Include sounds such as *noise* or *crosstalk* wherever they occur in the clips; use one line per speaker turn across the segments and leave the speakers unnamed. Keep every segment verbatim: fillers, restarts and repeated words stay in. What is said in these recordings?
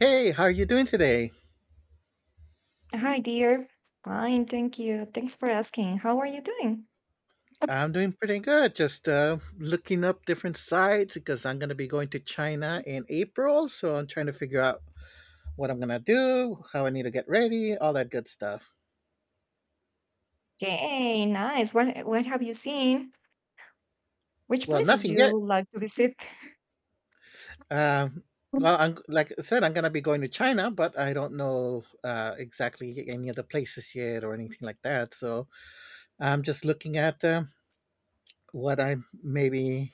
Hey, how are you doing today?
Hi, dear. Fine, thank you. Thanks for asking. How are you doing?
I'm doing pretty good. Just uh, looking up different sites because I'm going to be going to China in April. So I'm trying to figure out what I'm going to do, how I need to get ready, all that good stuff.
Okay, nice. What what have you seen? Which
Well,
places
nothing yet.
you like to visit?
Um, well,
*laughs*
I'm, like I said, I'm going to be going to China, but I don't know uh, exactly any of the places yet or anything like that. So I'm just looking at um what I maybe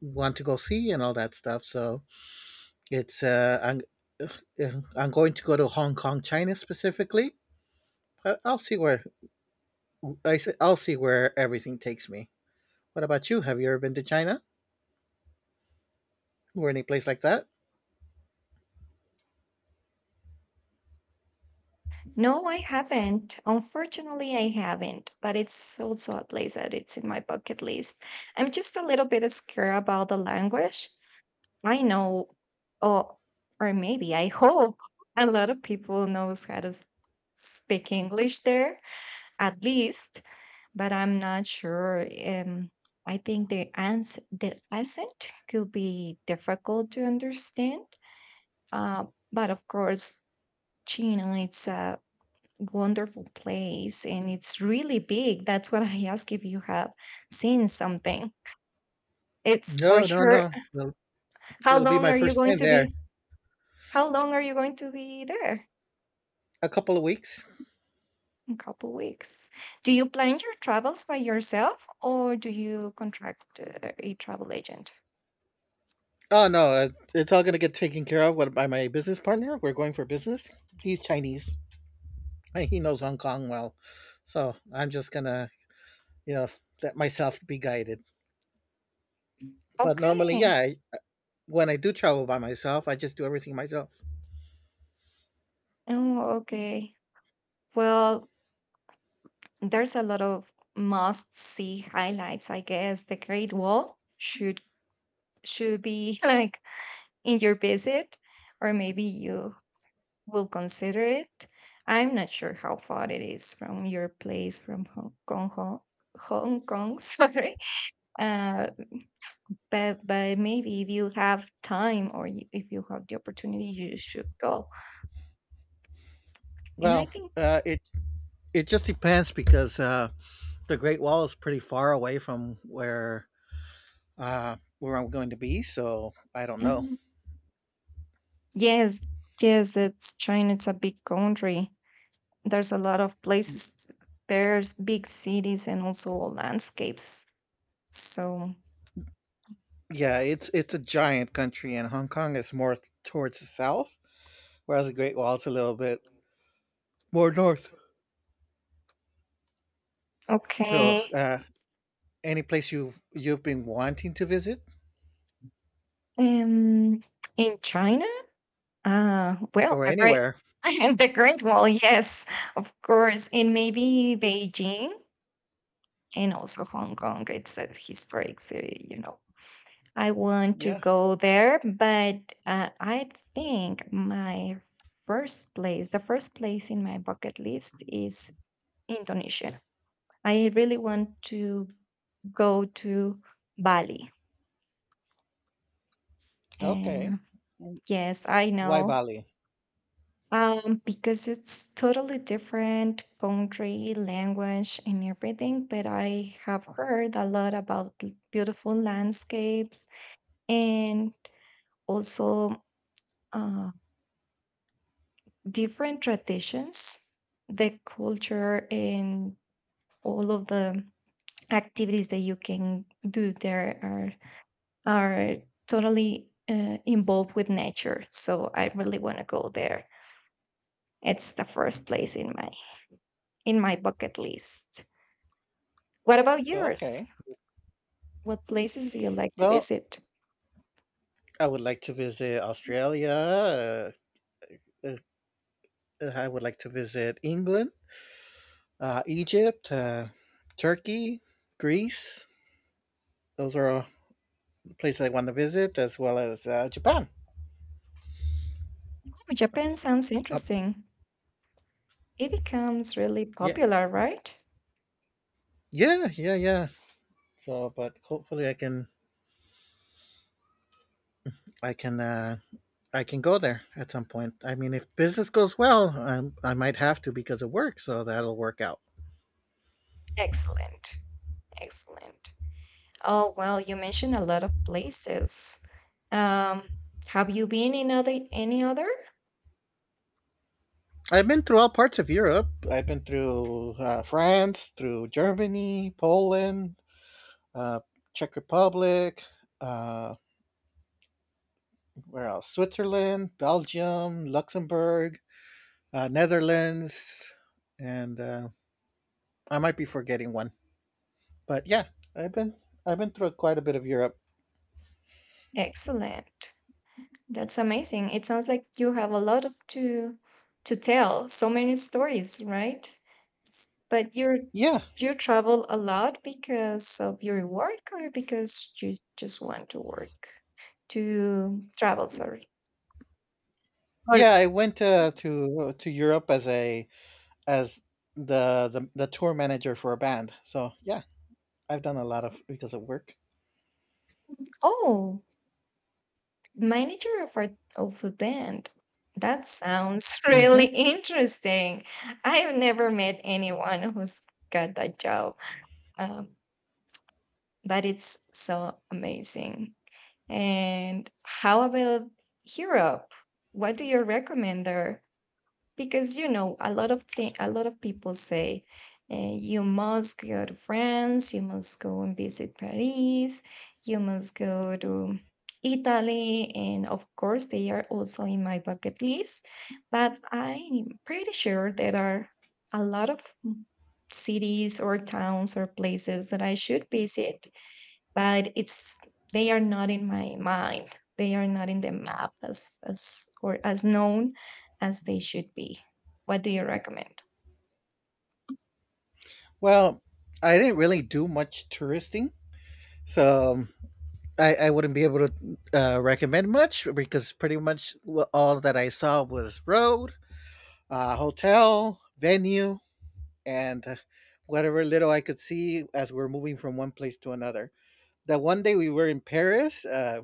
want to go see and all that stuff. So It's uh, I'm uh, I'm going to go to Hong Kong, China specifically, but I'll see where I will see where everything takes me. What about you? Have you ever been to China or any place like that?
No, I haven't. Unfortunately, I haven't, but it's also a place that it's in my bucket list. I'm just a little bit scared about the language. I know, or or maybe I *laughs* hope a lot of people knows how to s- speak English there, at least. But I'm not sure. Um, I think the ans the accent could be difficult to understand. Uh, but of course, China it's a wonderful place and it's really big. That's what I ask if you have seen something. It's for
No, no,
sure.
no. It'll,
How
it'll be
long
my
are you
first
going
time
to
there.
be? How long are you going to be there?
A couple of weeks.
A couple weeks. Do you plan your travels by yourself or do you contract uh, a travel agent?
Oh no, uh, it's all going to get taken care of what- by my business partner. We're going for business. He's Chinese, and he knows Hong Kong well, so I'm just gonna, you know, let myself be guided. But normally,
Okay.
yeah, I, when I do travel by myself, I just do everything myself.
Oh, okay. Well, there's a lot of must-see highlights, I guess. The Great Wall should should be *laughs* like in your visit, or maybe you will consider it. I'm not sure how far it is from your place from Hong Kong, Hong, Hong Kong, *laughs* sorry. Uh, but but maybe if you have time or you, if you have the opportunity, you should go. And I
Well,
think.
uh, it it just depends because uh, the Great Wall is pretty far away from where uh, where I'm going to be, so I don't know.
Mhm, yes, yes, it's China. It's a big country. There's a lot of places. There's big cities and also landscapes. So
Yeah, it's it's a giant country, and Hong Kong is more towards the south, whereas the Great Wall is a little bit more north. So,
okay.
uh, any place you you've been wanting to visit,
Um, in China? Uh, well,
or
the great
anywhere?
*laughs* the Great Wall, yes, of course, and maybe Beijing and also Hong Kong. It's a historic city, you know. I want to
Yeah.
go there, but uh, I think my first place, the first place in my bucket list is Indonesia. I really want to go to Bali.
Okay.
And yes, I
Why
know.
Bali?
Um, because it's totally different country, language, and everything. But I have heard a lot about l- beautiful landscapes and also uh, different traditions, the culture, and all of the activities that you can do there are are totally uh, involved with nature. So I really want to go there. It's the first place in my in my bucket list. What about yours?
Okay.
What places do you like to
Well,
visit?
I would like to visit Australia. Uh, uh, uh, I would like to visit England, uh, Egypt, uh, Turkey, Greece. Those are all places I want to visit, as well as uh, Japan.
Oh, Japan sounds
Uh,
interesting. It becomes really
yeah,
popular, right?
yeah, yeah, yeah. So, but hopefully, I can, I can, uh, I can go there at some point. I mean, if business goes well, I, I might have to because of work. So that'll work out.
Excellent. Excellent. Oh, well, you mentioned a lot of places. Um, have you been in other any other?
I've been through all parts of Europe. I've been through uh, France, through Germany, Poland, uh, Czech Republic, uh, where else? Switzerland, Belgium, Luxembourg, uh, Netherlands, and uh, I might be forgetting one. But yeah, I've been I've been through quite a bit of Europe.
Excellent. That's amazing. It sounds like you have a lot of to to tell, so many stories, right? S- But you're
Yeah,
you travel a lot because of your work or because you just want to work to travel, sorry. Or.
yeah, I went uh, to to Europe as a as the, the the tour manager for a band. So yeah, I've done a lot of because of work.
Oh, manager of a of a band. That sounds *laughs*
hmm
really interesting. I've never met anyone who's got that job. Um, but it's so amazing. And how about Europe? What do you recommend there? Because you know, a lot of thing, a lot of people say uh, you must go to France, you must go and visit Paris, you must go to Italy, and of course, they are also in my bucket list. But I'm pretty sure there are a lot of cities or towns or places that I should visit but it's they are not in my mind. They are not in the map as as or as known as they should be. What do you recommend?
Well, I didn't really do much touristing, so um, I, I wouldn't be able to uh, recommend much because pretty much all that I saw was road, uh, hotel, venue, and uh, whatever little I could see as we're moving from one place to another. That one day we were in Paris, uh,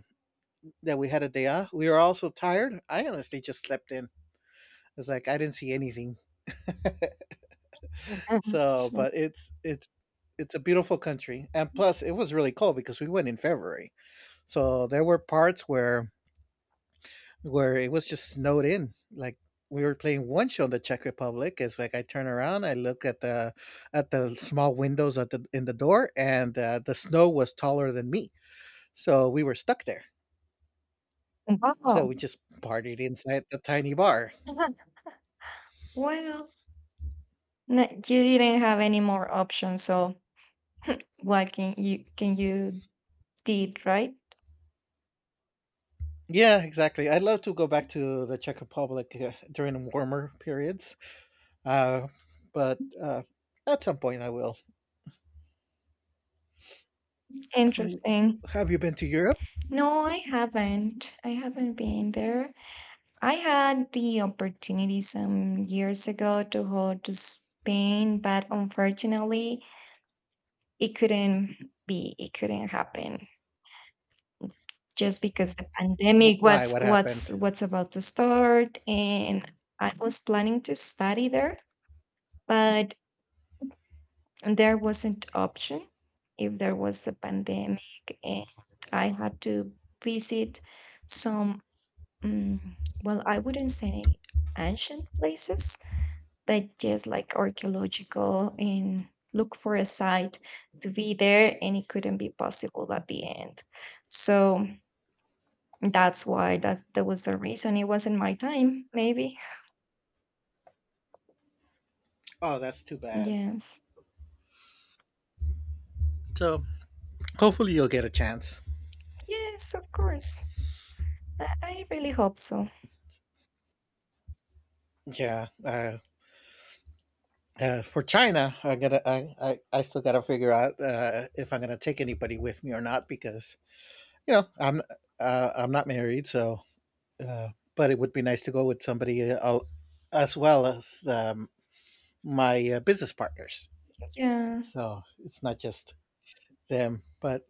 that we had a day off. We were all so tired. I honestly just slept in. It's like I didn't see anything. *laughs* So,
Sure.
but it's it's it's a beautiful country, and plus it was really cold because we went in February. So there were parts where where it was just snowed in. Like we were playing one show in the Czech Republic. It's like I turn around, I look at the at the small windows at the in the door, and uh, the snow was taller than me, so we were stuck there. So
Wow.
we just partied inside the tiny bar.
*laughs* Well, no, you didn't have any more options, so what can you can you did right?
Yeah, exactly. I'd love to go back to the Czech Republic uh, during warmer periods, uh, but uh, at some point I will.
Interesting.
Have you been to Europe?
No, I haven't. I haven't been there. I had the opportunity some years ago to go to Spain, but unfortunately, It couldn't be, it couldn't happen just because the
Wh-
pandemic
Why?
what's
What
what's
happened?
what's about to start and I was planning to study there, but there wasn't option if there was the pandemic and I had to visit some um, well, I wouldn't say ancient places but just like archaeological and look for a site to be there and it couldn't be possible at the end, so that's why that that was the reason, it wasn't my time maybe.
Oh, that's too bad.
Yes,
So hopefully you'll get a chance.
yes, of course. I, I really hope so.
Yeah, uh, uh, for China, I gotta, I, I, I still gotta figure out uh, if I'm gonna take anybody with me or not because you know I'm, uh, I'm not married, so. Uh, but it would be nice to go with somebody uh, al- as well as um, my uh, business partners,
Yeah,
so it's not just them. But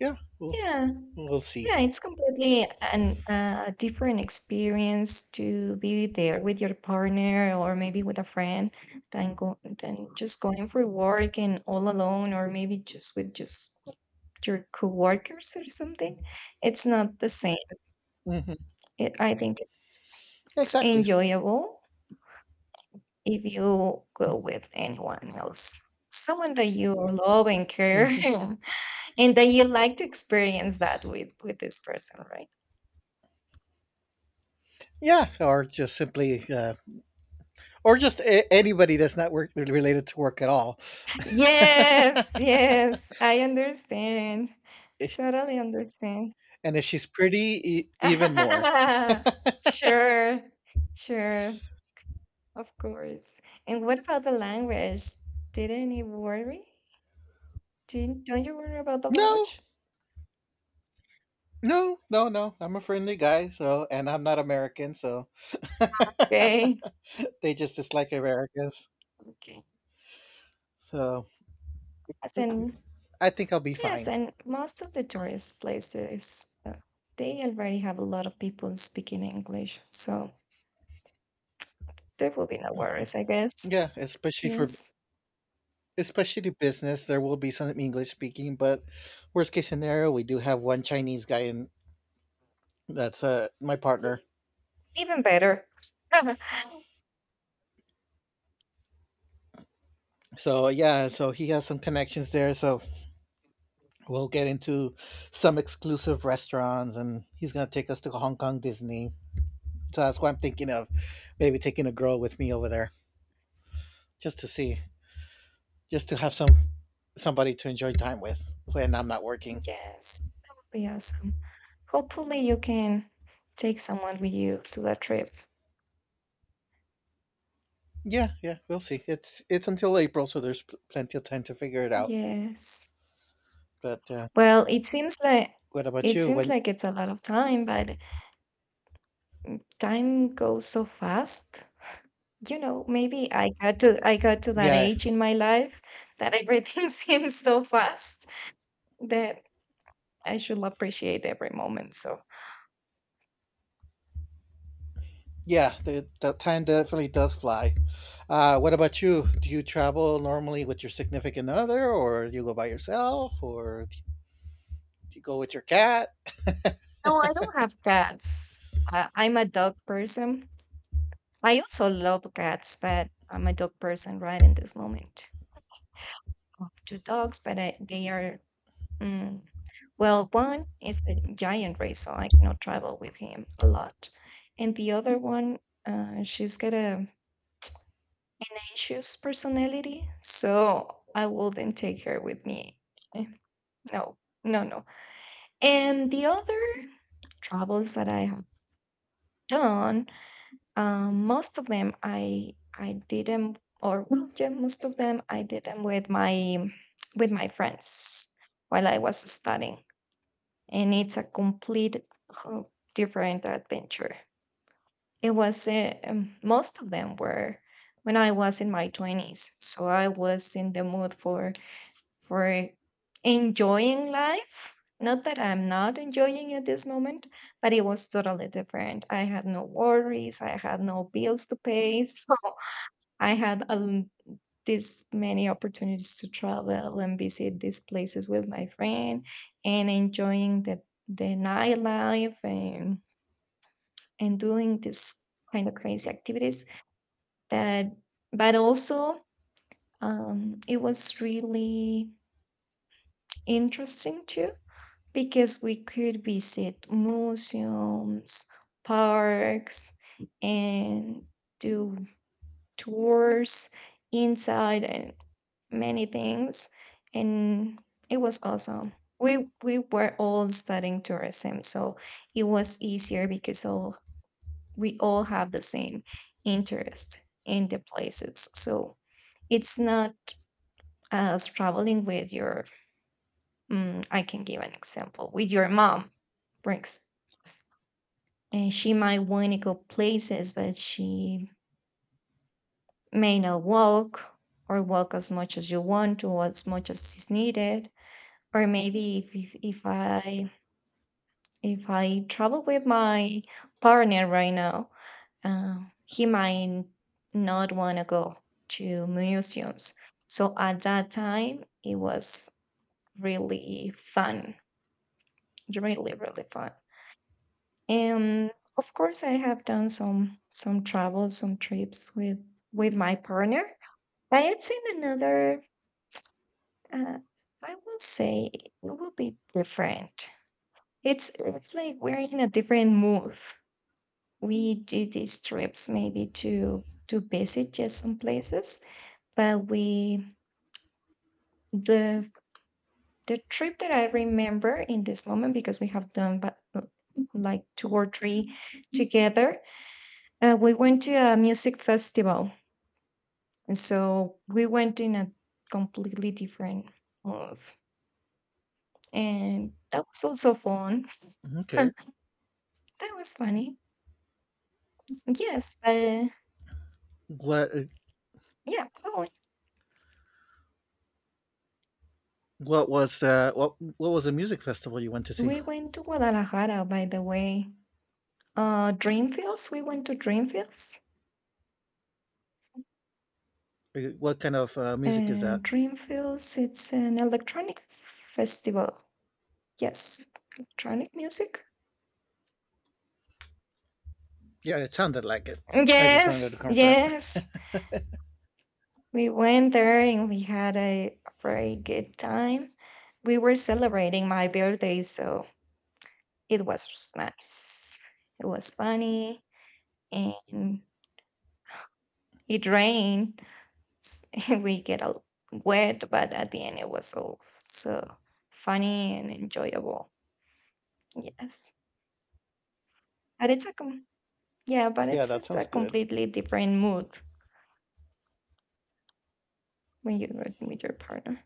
yeah, we'll
yeah.
we'll see.
Yeah, it's completely an uh, a different experience to be there with your partner or maybe with a friend than go than just going for work and all alone or maybe just with just your coworkers or something. It's not the same.
hmm
It, I think it's it's
Exactly.
enjoyable if you go with anyone else. Someone that you love and care
hmm
*laughs* and that you like to experience that with with this person, right?
Yeah, or just simply, uh, or just a- anybody that's not work related to work at all.
Yes, yes, I understand.
*laughs*
Totally understand.
And if she's pretty, e- even more.
*laughs* Sure, sure, of course. And what about the language? Didn't it worry? Didn't, Don't you worry about the
No,
language?
no, no, no. I'm a friendly guy, so and I'm not American, so *laughs*
Okay,
they just dislike Americans.
okay.
So
As in,
I think I'll be
yes,
fine.
and most of the tourist places, uh, they already have a lot of people speaking English, so there will be no
Mhm.
worries, I guess.
Yeah, especially for
Yes,
especially the business, there will be some English speaking, but worst case scenario, we do have one Chinese guy, and that's uh my partner.
even better.
So yeah, so he has some connections there. So we'll get
*laughs*
into some exclusive restaurants, and he's gonna take us to Hong Kong Disney. So that's why I'm thinking of maybe taking a girl with me over there just to see, just to have some somebody to enjoy time with when I'm not working.
Yes, that would be awesome. Hopefully, you can take someone with you to that trip.
Yeah, yeah, we'll see. It's it's until April, so there's pl- plenty of time to figure it out.
Yes.
But uh,
Well, it seems like
what about
it
you?
seems
When
like it's a lot of time, but time goes so fast. You know, maybe I got to I got to that
yeah,
age in my life that everything *laughs* seems so fast that I should appreciate every moment. So
yeah, the, the time definitely does fly. Uh, what about you? Do you travel normally with your significant other, or do you go by yourself, or do you go with your cat?
no, I don't have cats. I, I'm a dog person. I also love cats, but I'm a dog person right in this moment. I have two dogs, but I, they are. mm, Well, one is a giant race, so I cannot travel with him a lot. And the other one, uh, she's got a anxious personality, so I wouldn't take her with me. Eh, No, no, no. And the other travels that I have done, um, most of them I I did them, or well, yeah, most of them I did them with my with my friends while I was studying. And it's a complete ho- different adventure. It was uh, um, most of them were when I was in my twenties, so I was in the mood for for enjoying life. Not that I'm not enjoying at this moment, but it was totally different. I had no worries, I had no bills to pay, *laughs* so I had a these many opportunities to travel and visit these places with my friend and enjoying the the nightlife and and doing this kind of crazy activities, but but also um, it was really interesting too, because we could visit museums, parks, and do tours inside, and many things, and it was awesome. We we were all studying tourism, so it was easier because all we all have the same interest in the places. So it's not as traveling with your mm, I can give an example, with your mom brings, and she might want to go places but she may not walk, or walk as much as you want to, as much as is needed. Or maybe if, if, if i if i travel with my partner right now, uh, he might not want to go to museums. So at that time it was really fun, really really fun. And of course I have done some some travels, some trips with with my partner, but it's in another. Uh, I will say it will be different. It's it's like we're in a different mood. We do these trips maybe to to visit just some places, but we the the trip that I remember in this moment, because we have done but like two or three together. Uh, we went to a music festival, and so we went in a completely different mood, and that was also fun.
Okay.
*laughs* That was funny. Yes, but
What
yeah, go on.
what was uh, what what was the music festival you went to see?
We went to Guadalajara, by the way. Uh, Dreamfields, we went to Dreamfields.
What kind of uh, music is
Uh,
that?
Dreamfields, it's an electronic festival. Yes, electronic music.
Yeah, it sounded like it. I just wanted to
Yes,
confirm. *laughs*
yes. We went there and we had a very good time. We were celebrating my birthday, so it was nice. It was funny and it rained, s- *laughs* we get a l- wet, but at the end it was also funny and enjoyable. Yes, but it's a com- yeah, but
Yeah,
it's,
that
it's a
sounds good.
completely different mood when you go with your partner.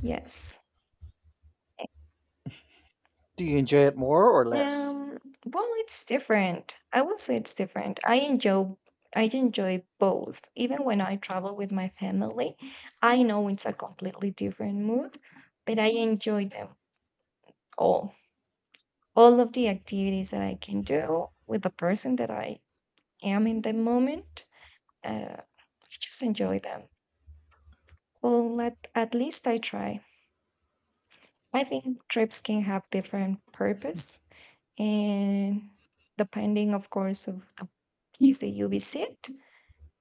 Yes.
Do you enjoy it more or less?
Um. Well, it's different. I will say it's different. I enjoy. I enjoy both. Even when I travel with my family, I know it's a completely different mood, but I enjoy them all. All of the activities that I can do with the person that I am in the moment. Uh, I just enjoy them. Well, let, at least I try. I think trips can have different purpose, and depending, of course, of the place that you visit,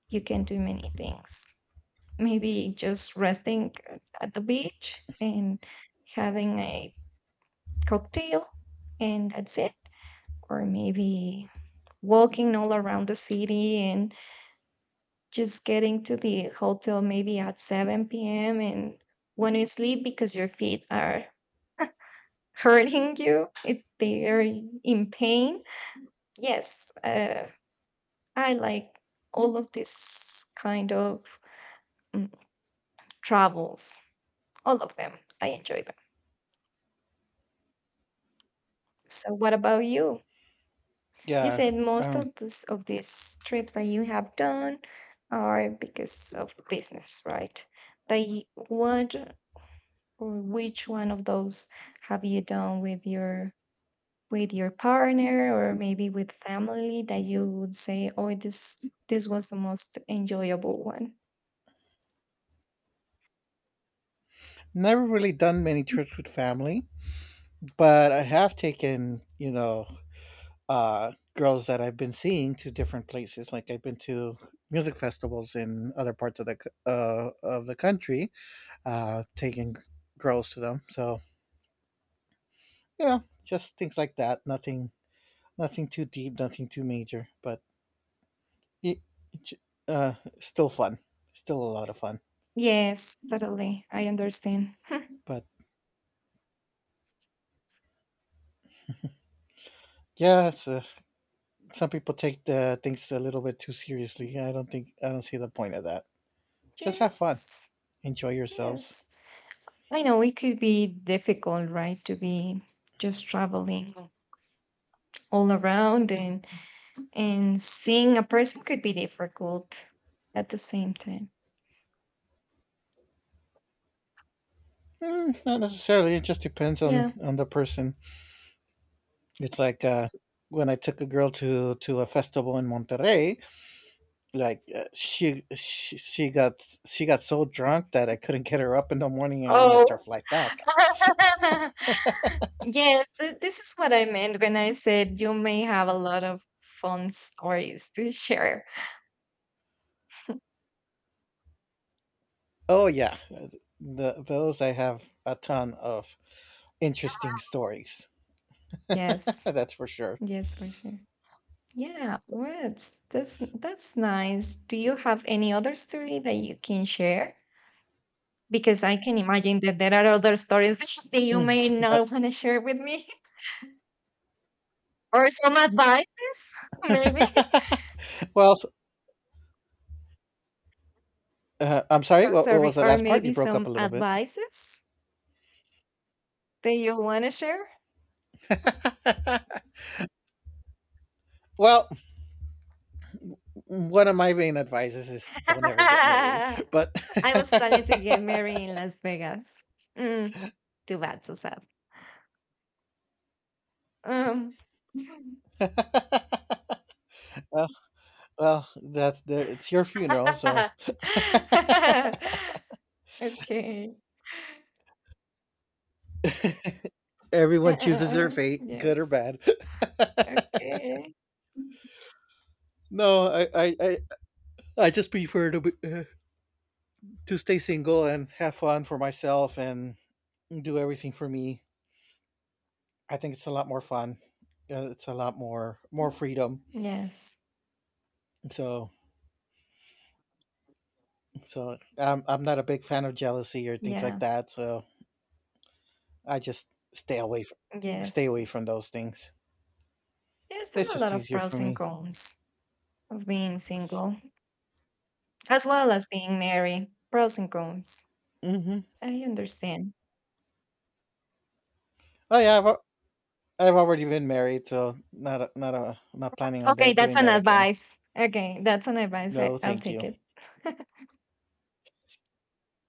you can do many things. Maybe just resting at the beach and having a cocktail, and that's it. Or maybe walking all around the city and just getting to the hotel maybe at seven p m and when you sleep because your feet are *laughs* hurting you, if they are in pain. Yes, uh, I like all of this kind of mm, travels, all of them. I enjoy them. So, what about you? You
Yeah,
said most
um,
of this of these trips that you have done are because of business, right? But y- what Or which one of those have you done with your with your partner or maybe with family that you would say, "Oh, this this was the most enjoyable one."
never really done many trips with family, but I have taken, you know, uh, girls that I've been seeing to different places. Like I've been to music festivals in other parts of the c- uh, of the country, uh, taking girls to them. So you know, just things like that. Nothing, nothing too deep, nothing too major, but it, it's uh, still fun, still a lot of fun.
Yes, totally. I understand. *laughs*
But yeah, it's, uh, some people take the things a little bit too seriously. I don't think I don't see the point of that. Just have fun,
Yes,
enjoy yourselves.
yes. I know it could be difficult, right, to be just traveling all around and and seeing a person could be difficult at the same time.
Mm, not necessarily. It just depends on
Yeah.
on the person. It's like uh, when I took a girl to to a festival in Monterrey. Like uh, she, she she got she got so drunk that I couldn't get her up in the morning, and we missed our
Oh.
flight back.
*laughs* Yes, th- this is what I meant when I said you may have a lot of fun stories to *laughs* share.
Oh yeah, the, those I have a ton of interesting stories.
Yes,
Yeah, that's for sure.
yes, for sure. Yeah, words. That's that's nice. Do you have any other story that you can share? Because I can imagine that there are other stories *laughs* that you may
Mm.
not want to share with me, *laughs* or some advices, *laughs* maybe. *laughs*
That- *laughs* well, uh, I'm sorry.
Oh,
What, what was
sorry,
the
or
last part? You
maybe
broke up a
some
little bit.
advices that you want to share.
*laughs* well, one of my main advices is don't ever
*laughs*
get married.
I
But
was planning to get married in Las Vegas. Mm, Too bad, so sad. Um, *laughs*
*laughs* well, well, that's there. It's your funeral, so
okay.
*laughs*
Uh,
everyone
uh,
chooses
uh,
their fate, good or
yes.
bad.
Okay.
*laughs* no, I, I, I, I just prefer to be, uh, to stay single and have fun for myself and do everything for me. I think it's a lot more fun. Uh, It's a lot more more freedom.
Yes.
So so I'm I'm not a big fan of jealousy or things like
Yeah.
that. So I just stay away from stay
Yes.
away from those things.
Yes, there
It's
are a lot
just
of
easier for
pros and
me.
cons of being single, as well as being married. Pros and cons.
hmm
I understand.
Oh yeah, I've al- I've already been married, so not a, not a, not planning on
Okay,
that,
that's
doing
an
that again.
advice. Okay, that's an advice.
No,
I, I'll
thank
take
you.
it.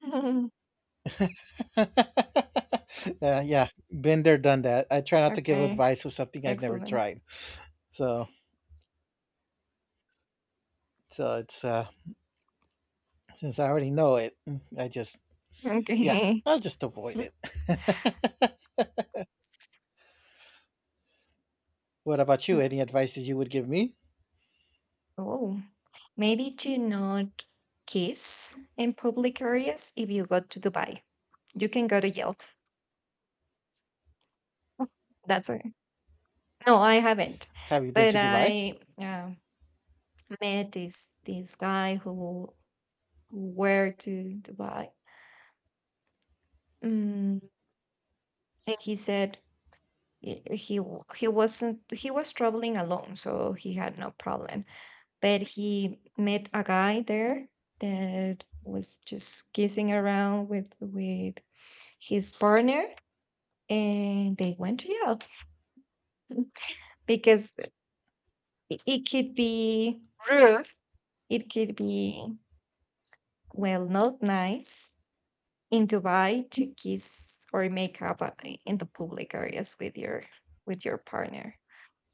*laughs*
*laughs* yeah, yeah, been there, done that. I try not to give
Okay,
advice of something I've never
excellent.
tried. So so it's uh since I already know it, I just yeah,
Okay.
I'll just avoid it. *laughs* what about you?
Mm,
Any advice that you would give me?
Oh, maybe to not kiss in public areas if you go to Dubai. You can go to jail. That's it. No, I haven't.
Have you been
But
to Dubai?
I, uh, met this this guy who who were to Dubai. Mm, and he said he he w- he wasn't he was traveling alone, so he had no problem. But he met a guy there that was just kissing around with with his partner, and they went to jail because it, it could be rude, it could be, well, not nice in Dubai to kiss or make up, uh, in the public areas with your with your partner.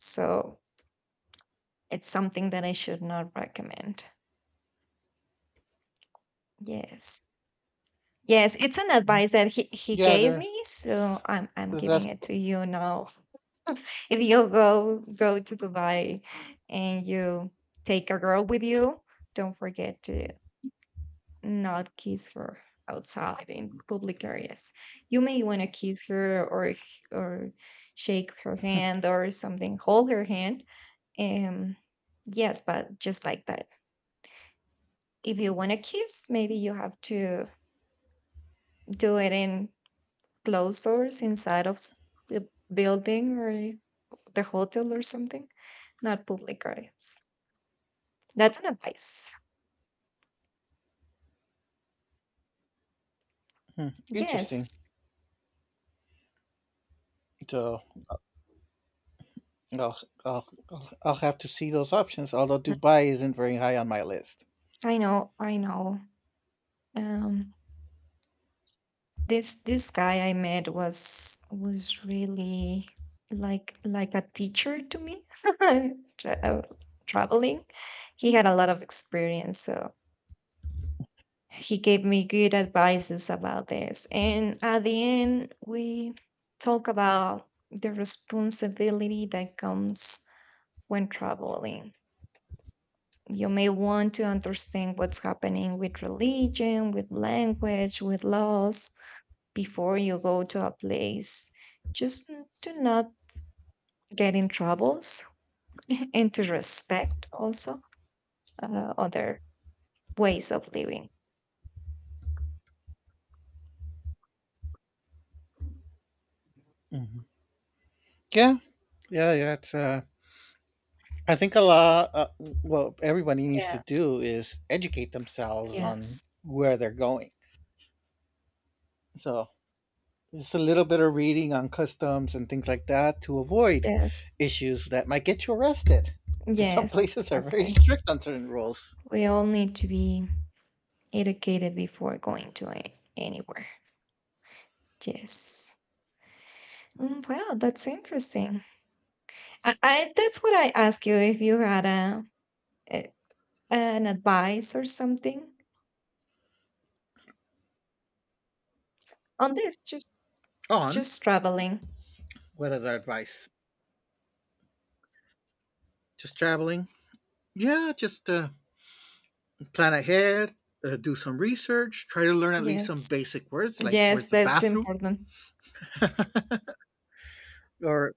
So it's something that I should not recommend. Yes, yes, it's an
Mhm.
advice that he, he
Yeah,
gave
there.
me, so i'm i'm
That's
giving it to you now. If you go go to Dubai and you take a girl with you, don't forget to not kiss her outside in public areas. You may want to kiss her or h- or shake her hand or something, hold her hand. Um, yes, but just like that. If you want to kiss, maybe you have to do it in closed doors inside of s- the building or the hotel or something, not public areas. That's an advice.
hmm, interesting.
Yes.
So I'll, I'll I'll have to see those options. Although
Mm.
Dubai isn't very high on my list.
I know, I know. Um, this this guy I met was was really like like a teacher to me. *laughs* Tra- uh, Traveling, he had a lot of experience, so he gave me good advices about this. And at the end, we talk about the responsibility that comes when traveling. You may want to understand what's happening with religion, with language, with laws before you go to a place, just n- to not get in troubles *laughs* and to respect also, uh, other ways of living.
hmm Yeah, yeah, yeah. It's uh, I think a lot. Uh, what everybody needs to
Yes,
do is educate themselves on
yes,
where they're going. So just a little bit of reading on customs and things like that to avoid
yes,
issues that might get you arrested. Because some *laughs*
yes,
places are very
exactly.
strict on certain rules.
We all need to be educated before going to a- anywhere. Yes. Mm, Well, that's interesting. I, I that's what I asked you if you had a a- an advice or something on this, just
On
just traveling.
what other advice? Just traveling? Yeah, just uh, plan ahead, uh, do some research, try to learn at least
Yes,
some basic words like
yes,
where's the
that's
bathroom,
important.
*laughs* or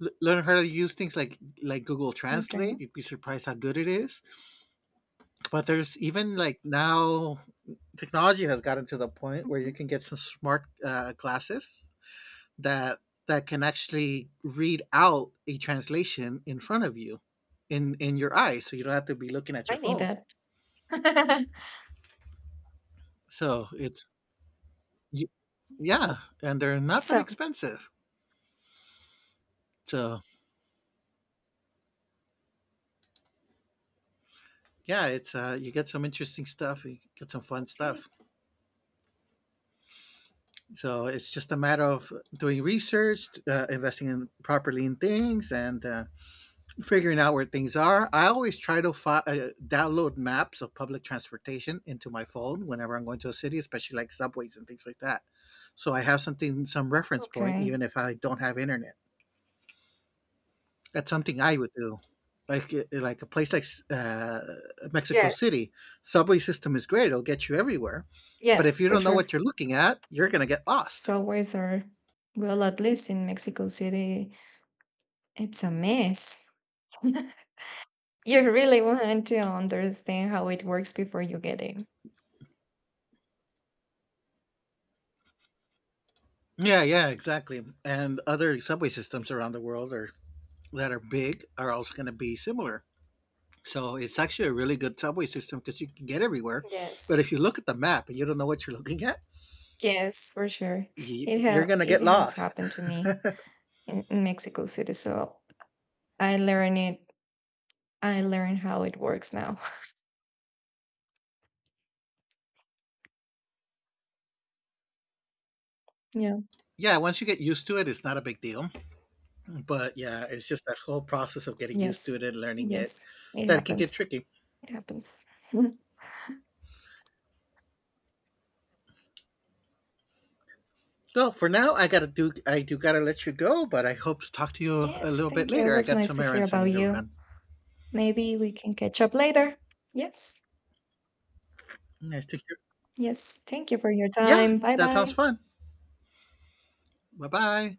l- learn how to use things like like Google
Okay.
Translate. You'd be surprised how good it is. But there's even like now technology has gotten to the point where you
Mhm.
can get some smart uh, glasses that that can actually read out a translation in front of you in in your eyes so you don't have to be looking at
I
your
need
phone.
that. *laughs*
So it's y-
Oh,
yeah, and they're not that
awesome.
expensive. So yeah, it's uh, you get some interesting stuff, you get some fun
Okay,
stuff. So it's just a matter of doing research, uh, investing in properly in things, and uh, figuring out where things are. I always try to fi- uh, download maps of public transportation into my phone whenever I'm going to a city, especially like subways and things like that. So I have something, some reference point, even
okay.
if I don't have internet. That's something I would do. Like uh, like a place like uh, Mexico
Yes,
City, subway system is great; it'll get you everywhere. But if
yes,
you
for
don't know
sure.
what you're looking at, you're gonna get lost.
Subways are, well, at least in Mexico City, it's a mess. *laughs* You really want to understand how it works before you get in.
Yeah, yeah, exactly. And other subway systems around the world are that are big are also going to be similar. So it's actually a really good subway system because you can get everywhere.
Yes,
But if you look at the map and you don't know what you're *laughs* looking at,
yes, for sure. it
y- you're
ha-
going to
it
get
has
lost.
happened to me in, in Mexico City, so I learn it. I learn how it works now. *laughs* Yeah.
Yeah, once you get used to it, it's not a big deal. But yeah, it's just that whole process of getting used to
Yes.
it and learning it
Yes. It
that it can get
happens.
tricky.
It happens.
Well, for now, I gotta do. I do gotta let you go, but I hope to talk to
*laughs*
you a
Yes.
little bit
Thank you. It
later. I
was
got
nice
some
to hear
errands I
about
need to
you.
run.
Maybe we can catch up later. Yes.
Nice to hear.
Yes. Thank you for your
Yeah,
time. Bye
that sounds
bye.
fun. Bye bye.